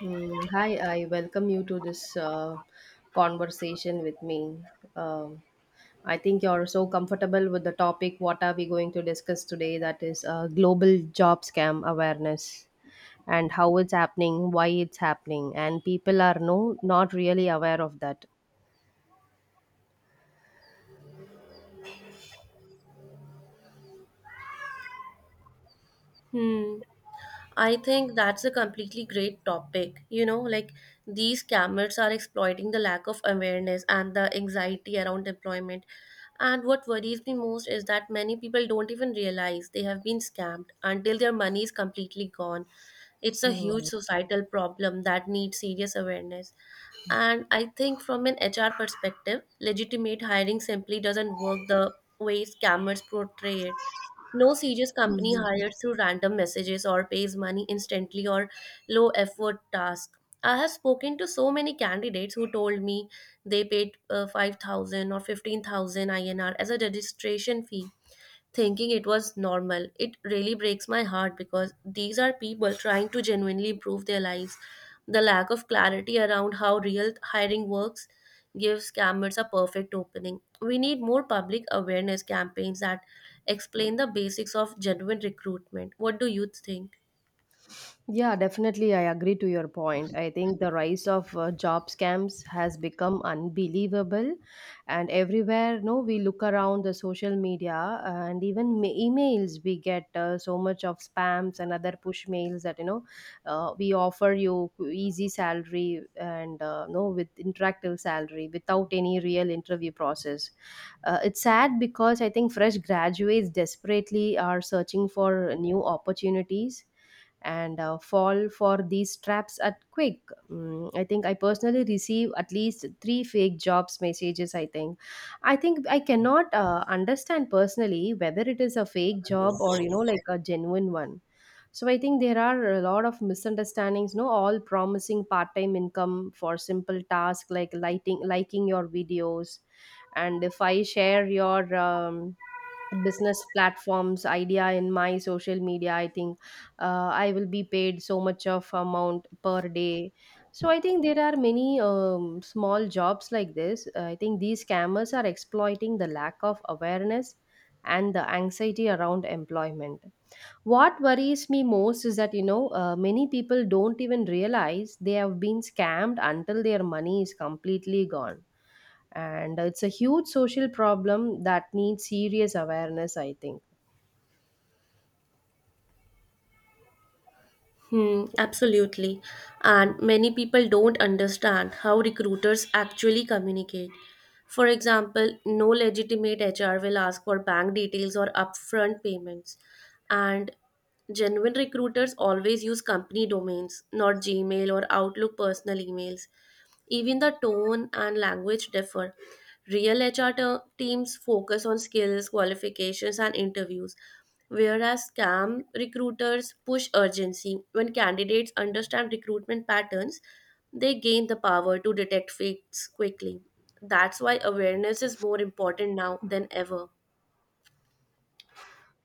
Hi, I welcome you to this conversation with me. Um, I think you're so comfortable with the topic. What are we going to discuss today? That is global job scam awareness, and how it's happening, why it's happening, and people are no not really aware of that. Hmm. I think that's a completely great topic. You know, like these scammers are exploiting the lack of awareness and the anxiety around employment. And what worries me most is that many people don't even realize they have been scammed until their money is completely gone. It's a huge Hmm. societal problem that needs serious awareness. And I think from an HR perspective, legitimate hiring simply doesn't work the way scammers portray it. No serious company hires through random messages or pays money instantly or low effort task. I have spoken to so many candidates who told me they paid 5000 or 15,000 INR as a registration fee, thinking it was normal. It really breaks my heart because these are people trying to genuinely improve their lives. The lack of clarity around how real hiring works gives scammers a perfect opening. We need more public awareness campaigns that explain the basics of genuine recruitment. What do you think? Yeah, definitely. I agree to your point. I think the rise of job scams has become unbelievable. And everywhere, no, we look around the social media and even emails, we get so much of spams and other push mails that, you know, we offer you easy salary and, no, with interactive salary without any real interview process. It's sad because I think fresh graduates desperately are searching for new opportunities and fall for these traps at quick. I think I personally receive at least three fake jobs messages. I think I cannot understand personally whether it is a fake job or, you know, like a genuine one. So I think there are a lot of misunderstandings. No, all promising part-time income for simple tasks like liking your videos, and if I share your business platforms idea in my social media, I think I will be paid so much of amount per day. So I think there are many small jobs like this. I think these scammers are exploiting the lack of awareness and the anxiety around employment. What worries me most is that, you know, many people don't even realize they have been scammed until their money is completely gone. And it's a huge social problem that needs serious awareness, I think. Hmm, absolutely. And many people don't understand how recruiters actually communicate. For example, no legitimate HR will ask for bank details or upfront payments. And genuine recruiters always use company domains, not Gmail or Outlook personal emails. Even the tone and language differ. Real HR teams focus on skills, qualifications, and interviews, whereas scam recruiters push urgency. When candidates understand recruitment patterns, they gain the power to detect fakes quickly. That's why awareness is more important now than ever.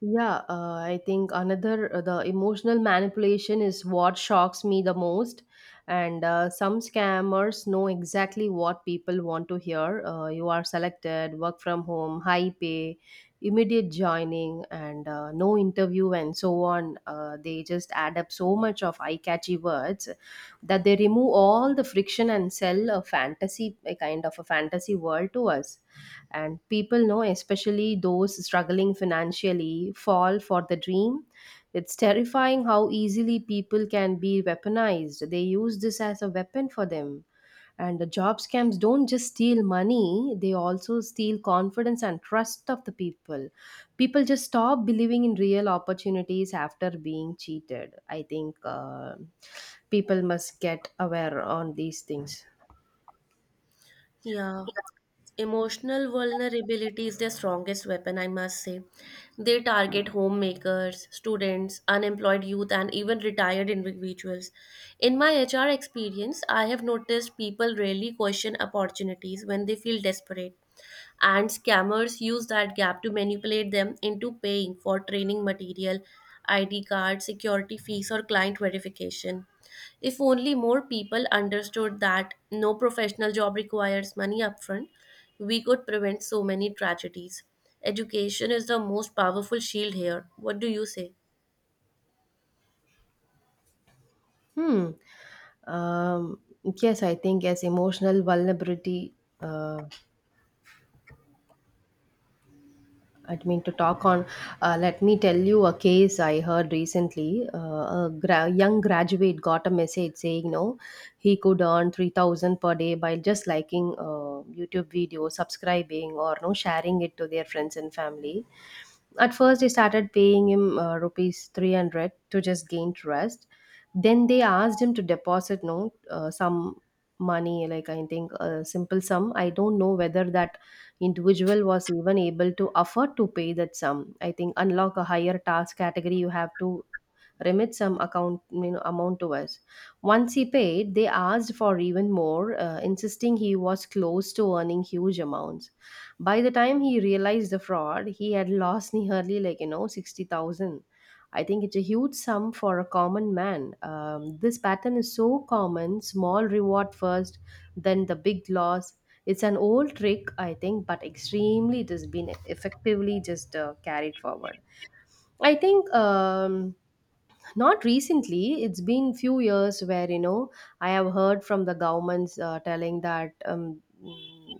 Yeah, I think another the emotional manipulation is what shocks me the most, and some scammers know exactly what people want to hear. You are selected, work from home, high pay, immediate joining, and no interview, and so on. They just add up so much of eye-catchy words that they remove all the friction and sell a fantasy, a kind of a fantasy world to us. And people know, especially those struggling financially, fall for the dream. It's terrifying how easily people can be weaponized. They use this as a weapon for them. And the job scams don't just steal money, they also steal confidence and trust of the people. People just stop believing in real opportunities after being cheated, I think. People must get aware on these things. Yeah. Emotional vulnerability is their strongest weapon, I must say. They target homemakers, students, unemployed youth, and even retired individuals. In my HR experience, I have noticed people rarely question opportunities when they feel desperate, and scammers use that gap to manipulate them into paying for training material, ID card, security fees, or client verification. If only more people understood that no professional job requires money upfront, we could prevent so many tragedies. Education is the most powerful shield here. What do you say? Hmm. Um, yes, I think as emotional vulnerability, uh, I mean to talk on. Let me tell you a case I heard recently. A young graduate got a message saying, "No, he could earn 3,000 per day by just liking YouTube videos, subscribing, or no sharing it to their friends and family." At first, they started paying him rupees 300 to just gain trust. Then they asked him to deposit no some money, like I think a simple sum. I don't know whether that individual was even able to afford to pay that sum. I think unlock a higher task category, you have to remit some account amount to us. Once he paid, they asked for even more, insisting he was close to earning huge amounts. By the time he realized the fraud, he had lost nearly 60,000. I think it's a huge sum for a common man. This pattern is so common, small reward first, then the big loss. It's an old trick, I think, but extremely it has been effectively just carried forward. I think not recently, it's been few years where, you know, I have heard from the governments telling that,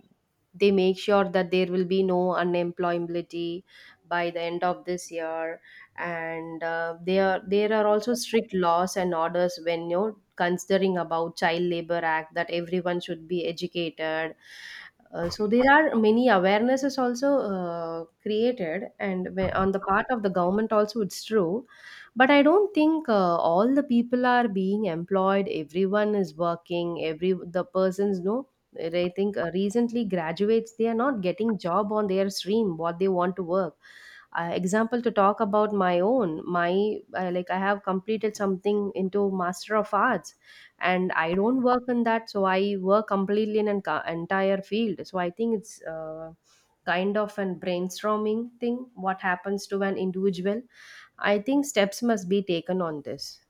they make sure that there will be no unemployability by the end of this year. And there are also strict laws and orders when, you know, considering about child labor act that everyone should be educated. So there are many awarenesses also created, and on the part of the government also, it's true. But I don't think all the people are being employed. Everyone is working, every the persons, no. I think recently graduates, they are not getting job on their stream what they want to work. Example to talk about my own, like I have completed something into master of arts, and I don't work in that. So I work completely in an entire field. So I think it's kind of an brainstorming thing what happens to an individual. I think steps must be taken on this.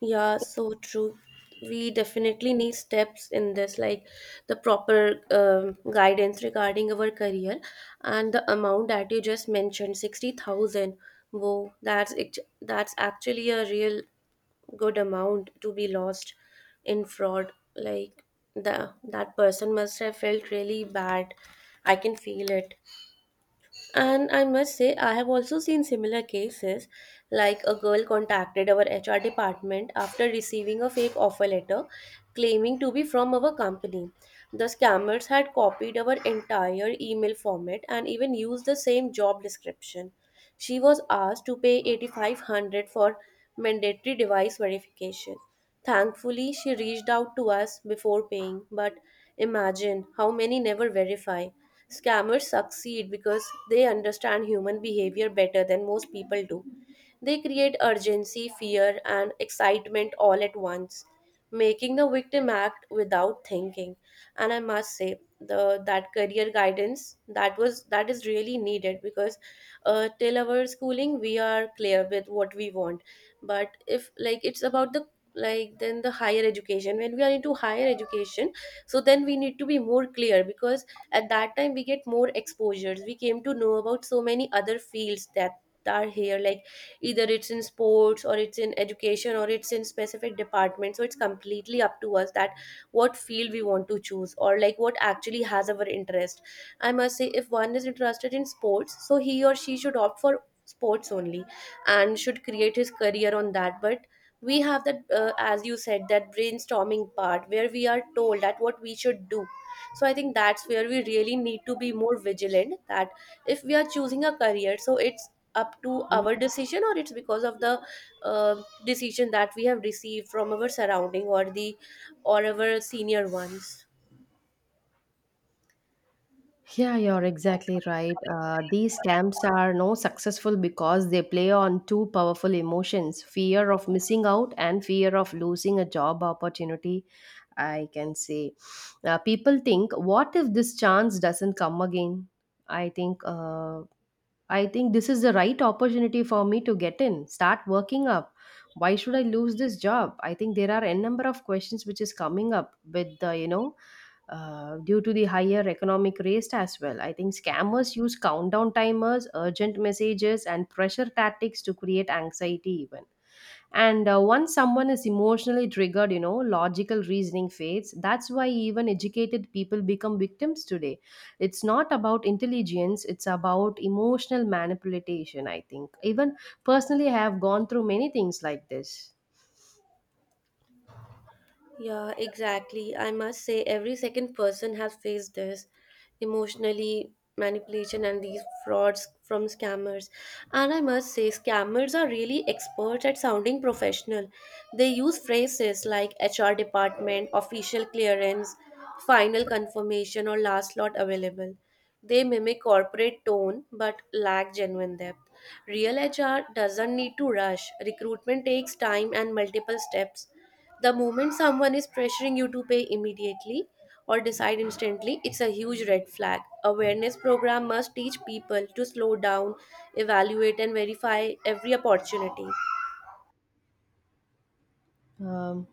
Yeah, so true. We definitely need steps in this, like the proper guidance regarding our career, and the amount that you just mentioned, 60,000. Whoa, that's actually a real good amount to be lost in fraud. Like the that person must have felt really bad. I can feel it. And I must say, I have also seen similar cases, like a girl contacted our HR department after receiving a fake offer letter claiming to be from our company. The scammers had copied our entire email format and even used the same job description. She was asked to pay 8,500 for mandatory device verification. Thankfully, she reached out to us before paying, but imagine how many never verify. Scammers succeed because they understand human behavior better than most people do. They create urgency, fear, and excitement all at once, making the victim act without thinking. And I must say, the that career guidance that is really needed because till our schooling we are clear with what we want, but if like it's about the like then the higher education, when we are into higher education, so then we need to be more clear, because at that time we get more exposures. We came to know about so many other fields that are here, like either it's in sports or it's in education or it's in specific department. So it's completely up to us that what field we want to choose, or like what actually has our interest. I must say if one is interested in sports, so he or she should opt for sports only and should create his career on that. But we have that as you said, that brainstorming part where we are told that what we should do, so I think that's where we really need to be more vigilant, that if we are choosing a career, so it's up to our decision or it's because of the uh, decision that we have received from our surrounding or the or our senior ones. Yeah, you're exactly right. These camps are no successful because they play on two powerful emotions: fear of missing out and fear of losing a job opportunity. I can say people think, what if this chance doesn't come again? I think uh, I think this is the right opportunity for me to get in, start working up. Why should I lose this job? I think there are n number of questions which is coming up with the due to the higher economic rates as well. I think scammers use countdown timers, urgent messages, and pressure tactics to create anxiety even. And once someone is emotionally triggered, logical reasoning fades. That's why even educated people become victims today. It's not about intelligence, it's about emotional manipulation, I think. Even personally, I have gone through many things like this. Yeah, exactly. I must say, every second person has faced this emotionally manipulation and these frauds from scammers. And I must say, scammers are really experts at sounding professional. They use phrases like HR department, official clearance, final confirmation, or last lot available. They mimic corporate tone but lack genuine depth. Real HR doesn't need to rush. Recruitment takes time and multiple steps. The moment someone is pressuring you to pay immediately or decide instantly, it's a huge red flag. Awareness program must teach people to slow down, evaluate and verify every opportunity. Um,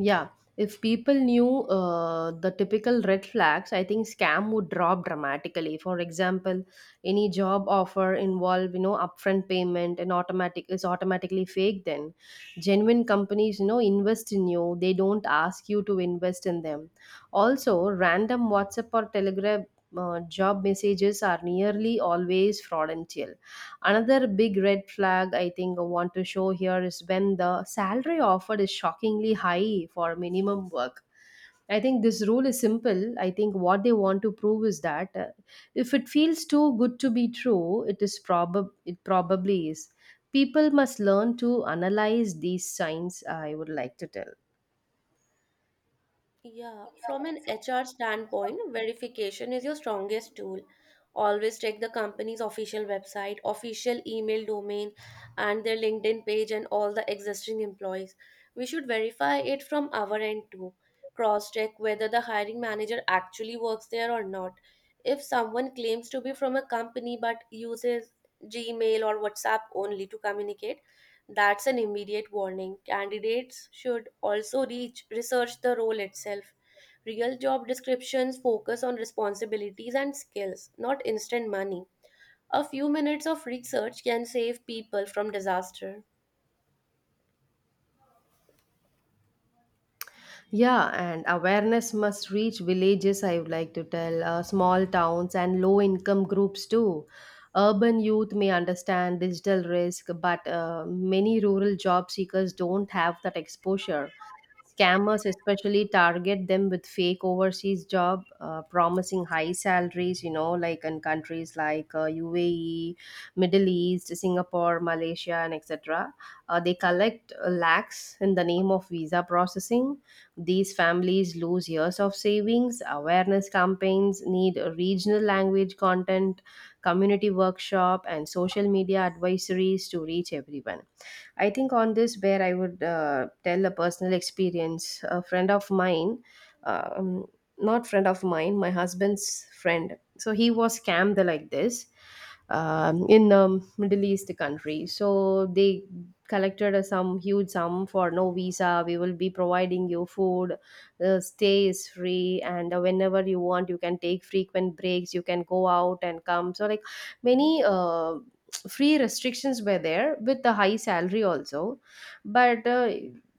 Yeah, if people knew the typical red flags, I think scam would drop dramatically. For example, any job offer involve, upfront payment and automatically fake. Then, genuine companies, invest in you; they don't ask you to invest in them. Also, random WhatsApp or Telegram job messages are nearly always fraudulent. Another big red flag I think I want to show here is when the salary offered is shockingly high for minimum work. I think this rule is simple. I think what they want to prove is that, if it feels too good to be true, it is probab it probably is. People must learn to analyze these signs, I would like to Yeah, from tell. an HR standpoint, verification is your strongest tool. Always check the company's official website, official email domain, and their LinkedIn page and all the existing employees. We should verify it from our end too. Cross check whether the hiring manager actually works there or not. If someone claims to be from a company but uses Gmail or WhatsApp only to communicate, that's an immediate warning. Candidates should also research the role itself. Real job descriptions focus on responsibilities and skills, not instant money. A few minutes of research can save people from disaster. Yeah, and awareness must reach villages, I would like to tell, small towns and low income groups too. Urban youth may understand digital risk, but many rural job seekers don't have that exposure. Scammers especially target them with fake overseas job, promising high salaries, you know, like in countries like UAE, Middle East, Singapore, Malaysia, and etc. They collect lakhs in the name of visa processing. These families lose years of savings. Awareness campaigns need regional language content, community workshop, and social media advisories to reach everyone. I think on this, where I would tell a personal experience. A friend of mine, um, not friend of mine, my husband's friend. So he was scammed like this in the Middle East country. So they collected a some huge sum for no visa. We will be providing you food. The stay is free, and whenever you want, you can take frequent breaks. You can go out and come. So like many. Free restrictions were there with the high salary also. But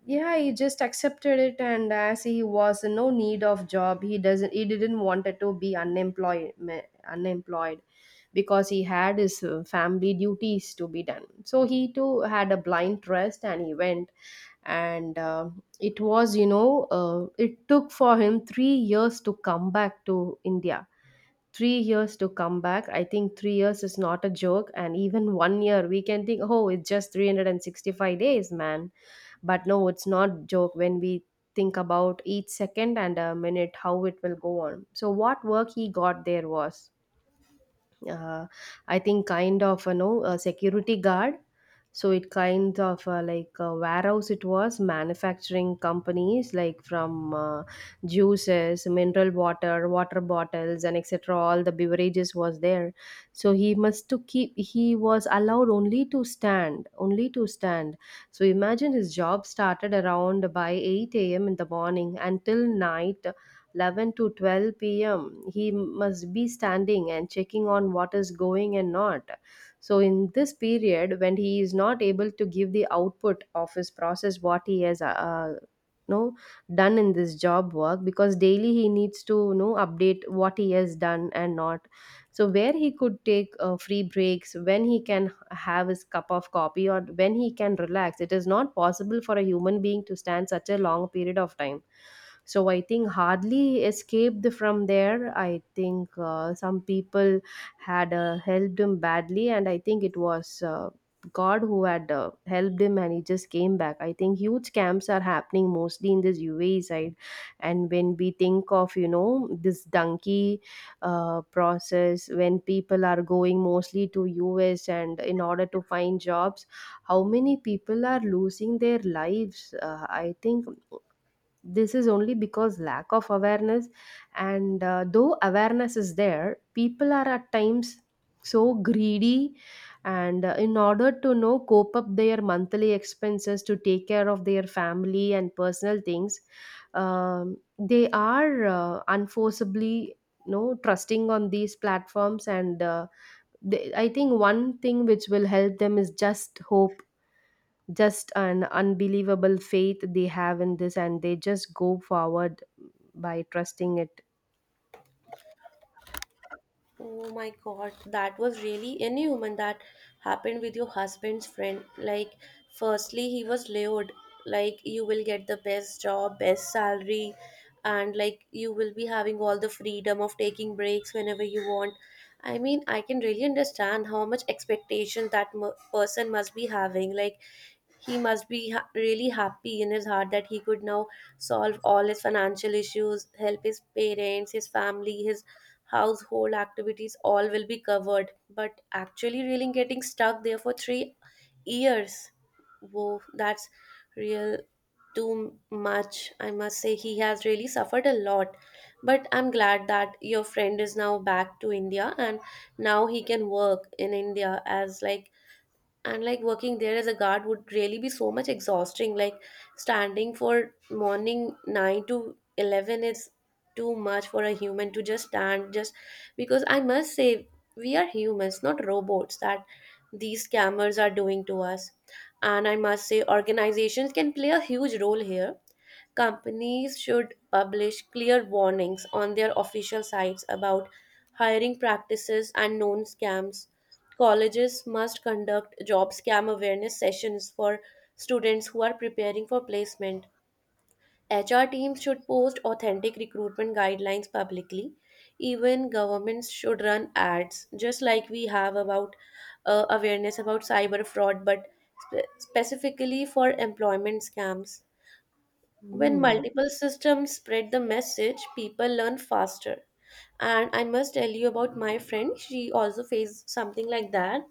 yeah, he just accepted it, and as he was in no need of job, he didn't wanted to be unemployed because he had his family duties to be done. So he too had a blind trust and he went. And it was, you know, it took for him 3 years to come back to India. 3 years to come back. I think 3 years is not a joke. And even one year, we can think, oh, it's just 365 days, man. But no, it's not joke when we think about each second and a minute how it will go on. So, what work he got there was uh, I think kind of a security guard. So it kind of like a warehouse it was, manufacturing companies like from juices, mineral water, water bottles, and etc., all the beverages was there. So he was allowed only to stand. So imagine, his job started around by 8 a.m. in the morning until night 11 to 12 p.m. He must be standing and checking on what is going and not. So in this period, when he is not able to give the output of his process, what he has know done in this job work, because daily he needs to know update what he has done and not. So where he could take free breaks, when he can have his cup of coffee or when he can relax? It is not possible for a human being to stand such a long period of time. So I think hardly escaped from there. I think some people had helped him badly, and I think it was God who had helped him, and he just came back. I think huge camps are happening mostly in this UAE side. And when we think of this donkey process, when people are going mostly to US and in order to find jobs, how many people are losing their lives. I think this is only because lack of awareness. And though awareness is there, people are at times so greedy. And in order to know cope up their monthly expenses, to take care of their family and personal things, they are unforceably trusting on these platforms. And I think one thing which will help them is just hope, just an unbelievable faith they have in this, and they just go forward by trusting it. Oh my God, that was really inhuman. That happened with your husband's friend. Like, firstly, he was lured, like, you will get the best job, best salary, and like, you will be having all the freedom of taking breaks whenever you want. I mean, I can really understand how much expectation that m person must be having. Like, he must be really happy in his heart that he could now solve all his financial issues, help his parents, his family, his household activities, all will be covered. But actually really getting stuck there for 3 years, whoa, that's real too much. I must say he has really suffered a lot, but I'm glad that your friend is now back to India, and now he can work in India. As like, and like, working there as a guard would really be so much exhausting. Like standing for morning 9 to 11 is too much for a human to just stand, just because, I must say, we are humans, not robots, that these scammers are doing to us. And I must say organizations can play a huge role here. Companies should publish clear warnings on their official sites about hiring practices and known scams. Colleges must conduct job scam awareness sessions for students who are preparing for placement. HR teams should post authentic recruitment guidelines publicly. Even governments should run ads, just like we have about awareness about cyber fraud, but specifically for employment scams. When Hmm. multiple systems spread the message, people learn faster. And I must tell you about my friend. She also faced something like that.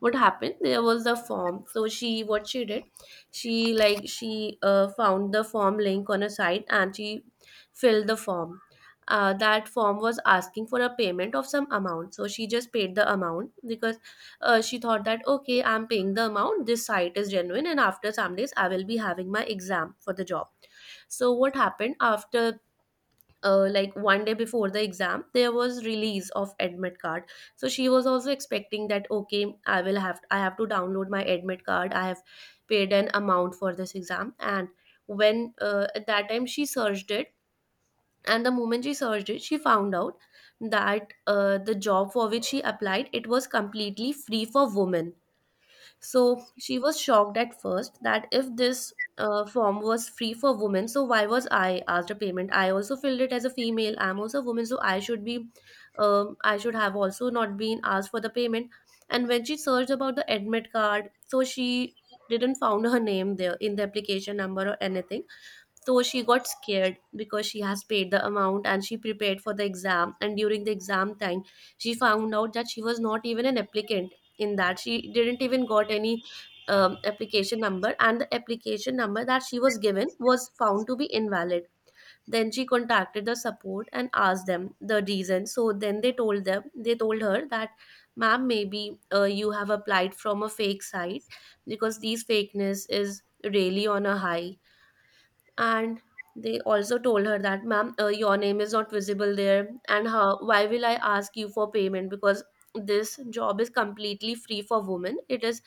What happened there was the form. So she what she did, she found the form link on a site and she filled the form. That form was asking for a payment of some amount, so she just paid the amount because she thought that, okay, I'm paying the amount, this site is genuine, and after some days I will be having my exam for the job. So what happened after, like one day before the exam, there was release of admit card. So she was also expecting that, okay, I have to download my admit card, I have paid an amount for this exam. And when, at that time, she searched it, and the moment she searched it, she found out that the job for which she applied, it was completely free for women. So she was shocked at first that if this form was free for women, so why was I asked a payment? I also filled it as a female, I'm also a woman, so I should be, I should have also not been asked for the payment. And when she searched about the admit card, so she didn't found her name there in the application number or anything. So she got scared because she has paid the amount and she prepared for the exam. And during the exam time, she found out that she was not even an applicant in that. She didn't even got any application number, and the application number that she was given was found to be invalid. Then she contacted the support and asked them the reason. So then they told her that, ma'am, maybe you have applied from a fake site because these fakeness is really on a high, and they also told her that ma'am, your name is not visible there, and how why will I ask you for payment because this job is completely free for women. It is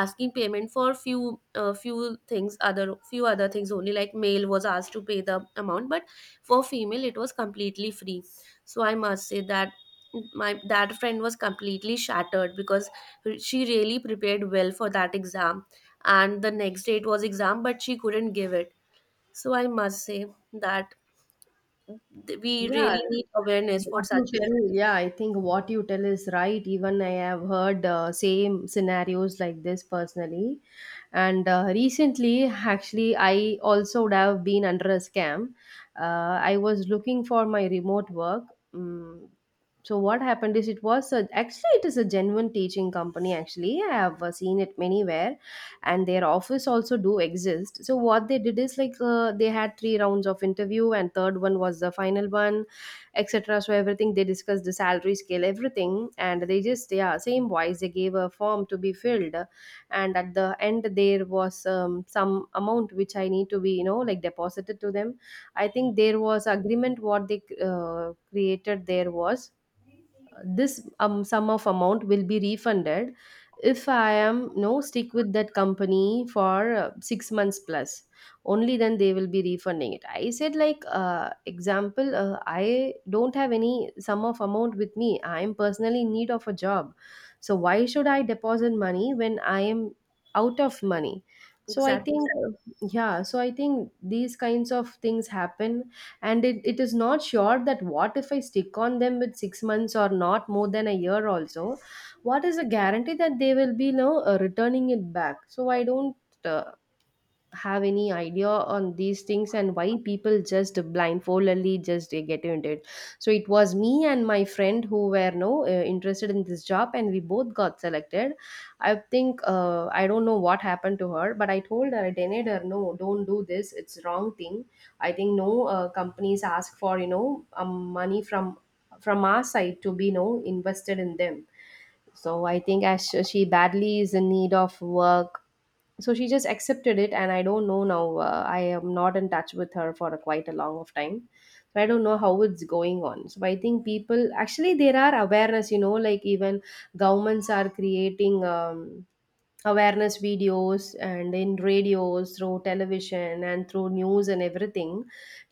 asking payment for few other things only, like male was asked to pay the amount, but for female it was completely free. So I must say that my that friend was completely shattered because she really prepared well for that exam, and the next day it was exam but she couldn't give it. So I must say that we Yeah, really need awareness for what you such issues. tell, yeah, I think what you tell is right. Even I have heard same scenarios like this personally. And recently, actually, I also would have been under a scam. Uh, I was looking for my remote work. Mm. So what happened is actually it is a genuine teaching company. Actually I have seen it many where, and their office also do exist. So what they did is like, they had three rounds of interview and third one was the final one, etc. So everything they discussed, the salary scale everything, and they just, yeah, same wise, they gave a form to be filled, and at the end there was some amount which I need to be you know like deposited to them. I think there was agreement what they created. There was this sum of amount will be refunded if I am no stick with that company for 6 months plus. Only then they will be refunding it. I said like, example I don't have any sum of amount with me. I am personally in need of a job, so why should I deposit money when I am out of money? So I Exactly. think yeah, so I think these kinds of things happen. And it is not sure that what if I stick on them with 6 months or not more than a year also. What is the guarantee that they will be, returning it back? So I don't uh, have any idea on these things, and why people just blindfoldedly just they get into it. So it was me and my friend who were no interested in this job, and we both got selected. I think I don't know what happened to her, but I told her, I denied her, no, don't do this, it's wrong thing. I think no companies ask for you know money from our side to be no invested in them. So I think as she badly is in need of work, so she just accepted it, and I don't know now. I am not in touch with her for quite a long of time, so I don't know how it's going on. So I think people, actually there are awareness, you know, like even governments are creating awareness videos, and in radios, through television and through news and everything,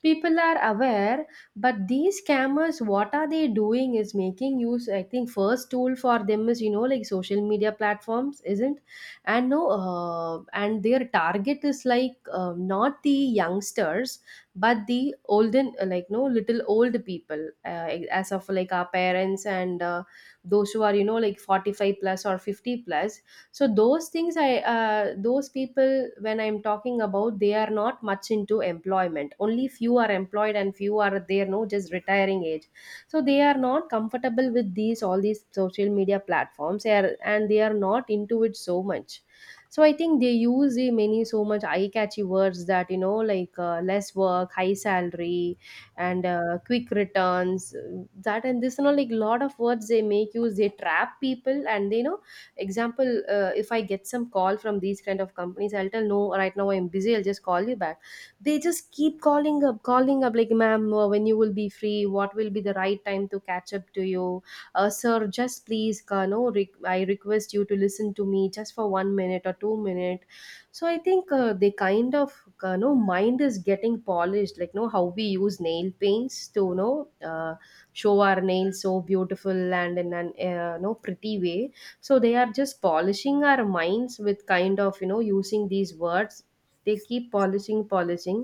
people are aware. But these scammers, what are they doing is making use, I think first tool for them is you know like social media platforms, isn't? And no, and their target is like, not the youngsters, but the olden, like no, little old people, as of like our parents, and those who are you know like 45 plus or 50 plus. So those things I, those people when I'm talking about, they are not much into employment, only few are employed, and few are there no just retiring age. So they are not comfortable with these, all these social media platforms. They are, and they are not into it so much. So I think they use the many so much eye catchy words that you know like, less work, high salary, and quick returns. That and this, you know like lot of words they make use, they trap people, and they, you know, example, if I get some call from these kind of companies, I'll tell no, right now I'm busy, I'll just call you back. They just keep calling up like, ma'am, when you will be free, what will be the right time to catch up to you? Sir, just please, no re- I request you to listen to me just for 1 minute or 2 minute. So I think they kind of, no, mind is getting polished, like no, how we use nail paints to you know show our nails so beautiful and in an no pretty way. So they are just polishing our minds with kind of you know using these words. They keep polishing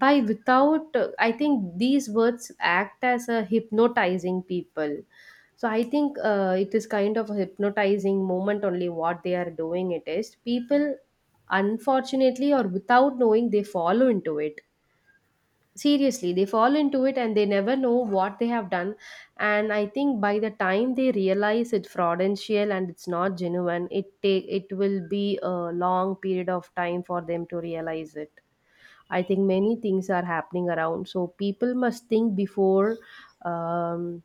by without. I think these words act as a hypnotizing people. So I think it is kind of a hypnotizing moment only what they are doing it is people, unfortunately, or without knowing, they follow into it. Seriously, they fall into it, and they never know what they have done. And I think by the time they realize it's fraudulential and it's not genuine, it take, it will be a long period of time for them to realize it. I think many things are happening around, so people must think before. um,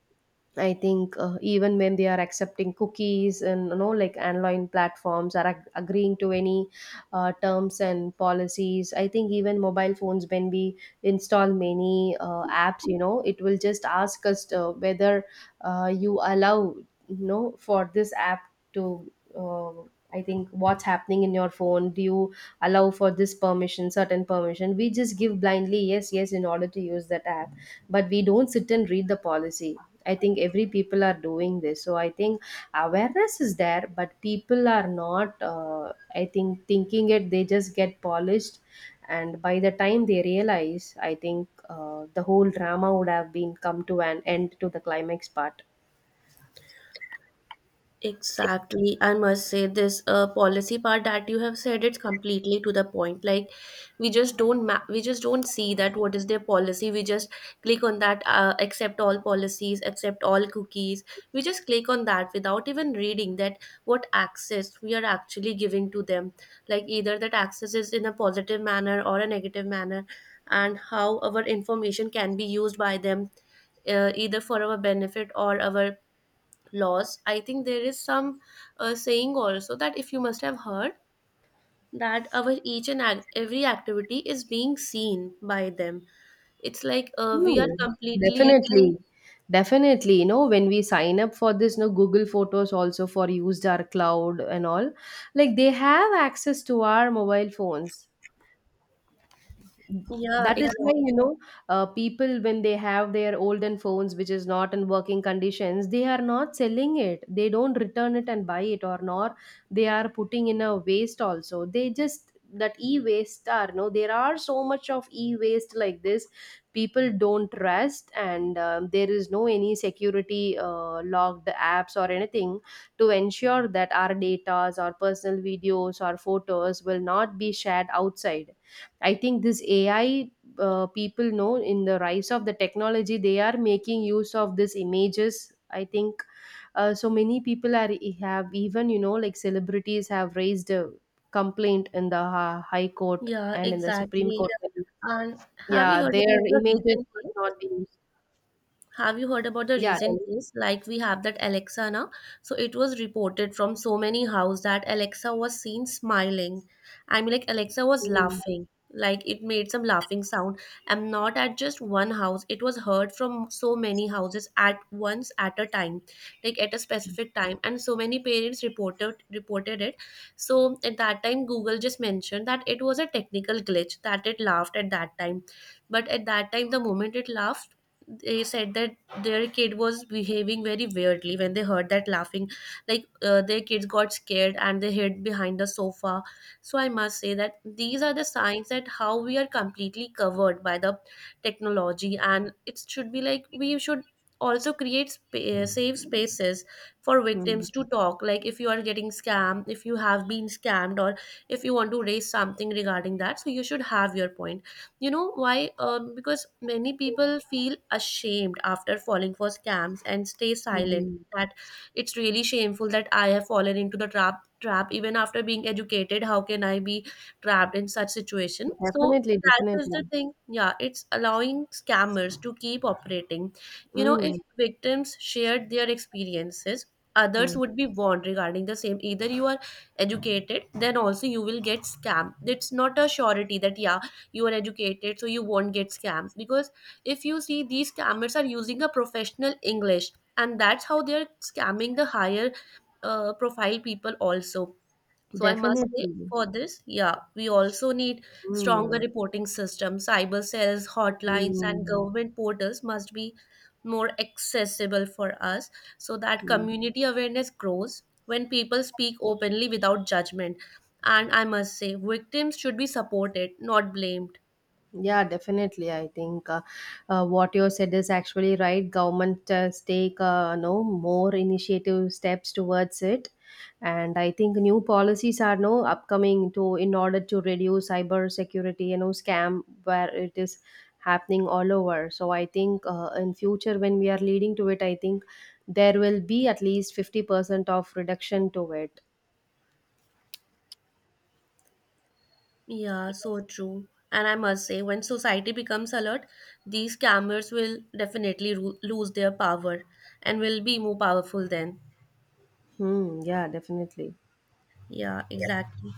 I think even when they are accepting cookies and you know like online platforms are agreeing to any terms and policies, I think even mobile phones when we install many apps, you know it will just ask us whether you allow you know for this app to uh, I think what's happening in your phone, do you allow for this permission, certain permission, we just give blindly yes yes in order to use that app, but we don't sit and read the policy. I think every people are doing this. So I think awareness is there, but people are not I think thinking it, they just get polished, and by the time they realize, I think the whole drama would have been come to an end to the climax part. Exactly. I must say this policy part that you have said, it's completely to the point. Like, we just don't we just don't see that what is their policy. We just click on that accept all policies, accept all cookies. We just click on that without even reading that what access we are actually giving to them. Like, either that access is in a positive manner or a negative manner, and how our information can be used by them, either for our benefit or our laws. I think there is some saying also, that if you must have heard, that our each and every activity is being seen by them. It's like we are Hmm, completely. definitely. Definitely, you know, when we sign up for this no Google Photos also, for used our cloud and all, like they have access to our mobile phones. Yeah, That is why, you exactly. know, people when they have their olden phones which is not in working conditions, they are not selling it, they don't return it and buy it, or nor they are putting in a waste also, they just, that e-waste are no, there are so much of e-waste like this. People don't trust, and there is no any security logged apps or anything to ensure that our data or personal videos or photos will not be shared outside. I think this AI, people know in the rise of the technology, they are making use of these images. I think so many people are e, have even you know like celebrities have raised a complaint in the High Court Yeah, and in the Supreme exactly. Court. Yeah. And have you Yeah, heard their about the images recent must case? not be used. Have you heard about the Yeah. recent case? Like, we have that Alexa now. So it was reported from so many house that Alexa was seen smiling. I mean, like, Alexa was Mm, laughing. Like, it made some laughing sound. And not at just one house. It was heard from so many houses at once at a time, like at a specific time. And so many parents reported it. So at that time, Google just mentioned that it was a technical glitch that it laughed at that time. But at that time, the moment it laughed, they said that their kid was behaving very weirdly when they heard that laughing, like their kids got scared and they hid behind the sofa. So I must say that these are the signs that how we are completely covered by the technology, and it should be like we should also create safe spaces for victims to mm, talk, like if you are getting scammed, if you have been scammed, or if you want to raise something regarding that, so you should have your point. You know why? Because many people feel ashamed after falling for scams and stay silent. mm. That it's really shameful that I have fallen into the trap. Trap even after being educated, how can I be trapped in such situation? So Definitely, that is the definitely. thing. Yeah, it's allowing scammers to keep operating. You know, Mm, if victims shared their experiences, others mm. would be warned regarding the same. Either you are educated, then also you will get scammed. It's not a surety that yeah, you are educated so you won't get scammed, because if you see, these scammers are using a professional english, and that's how they're scamming the higher profile people also. So I must say Definitely. for this, yeah, we also need stronger Mm, reporting systems, cyber cells, hotlines, and mm, government portals must be more accessible for us, so that mm. community awareness grows when people speak openly without judgment. And I must say victims should be supported, not blamed. Yeah, definitely. I think what you said is actually right. Government does take no more initiative steps towards it, and I think new policies are no upcoming to in order to reduce cyber security, you know, scam where it is happening all over. So I think in future when we are leading to it, I think there will be at least 50% of reduction to it. Yeah, so true. And I must say, when society becomes alert, these scammers will definitely lose their power and will be more powerful then. Hmm, yeah, definitely. Yeah, exactly.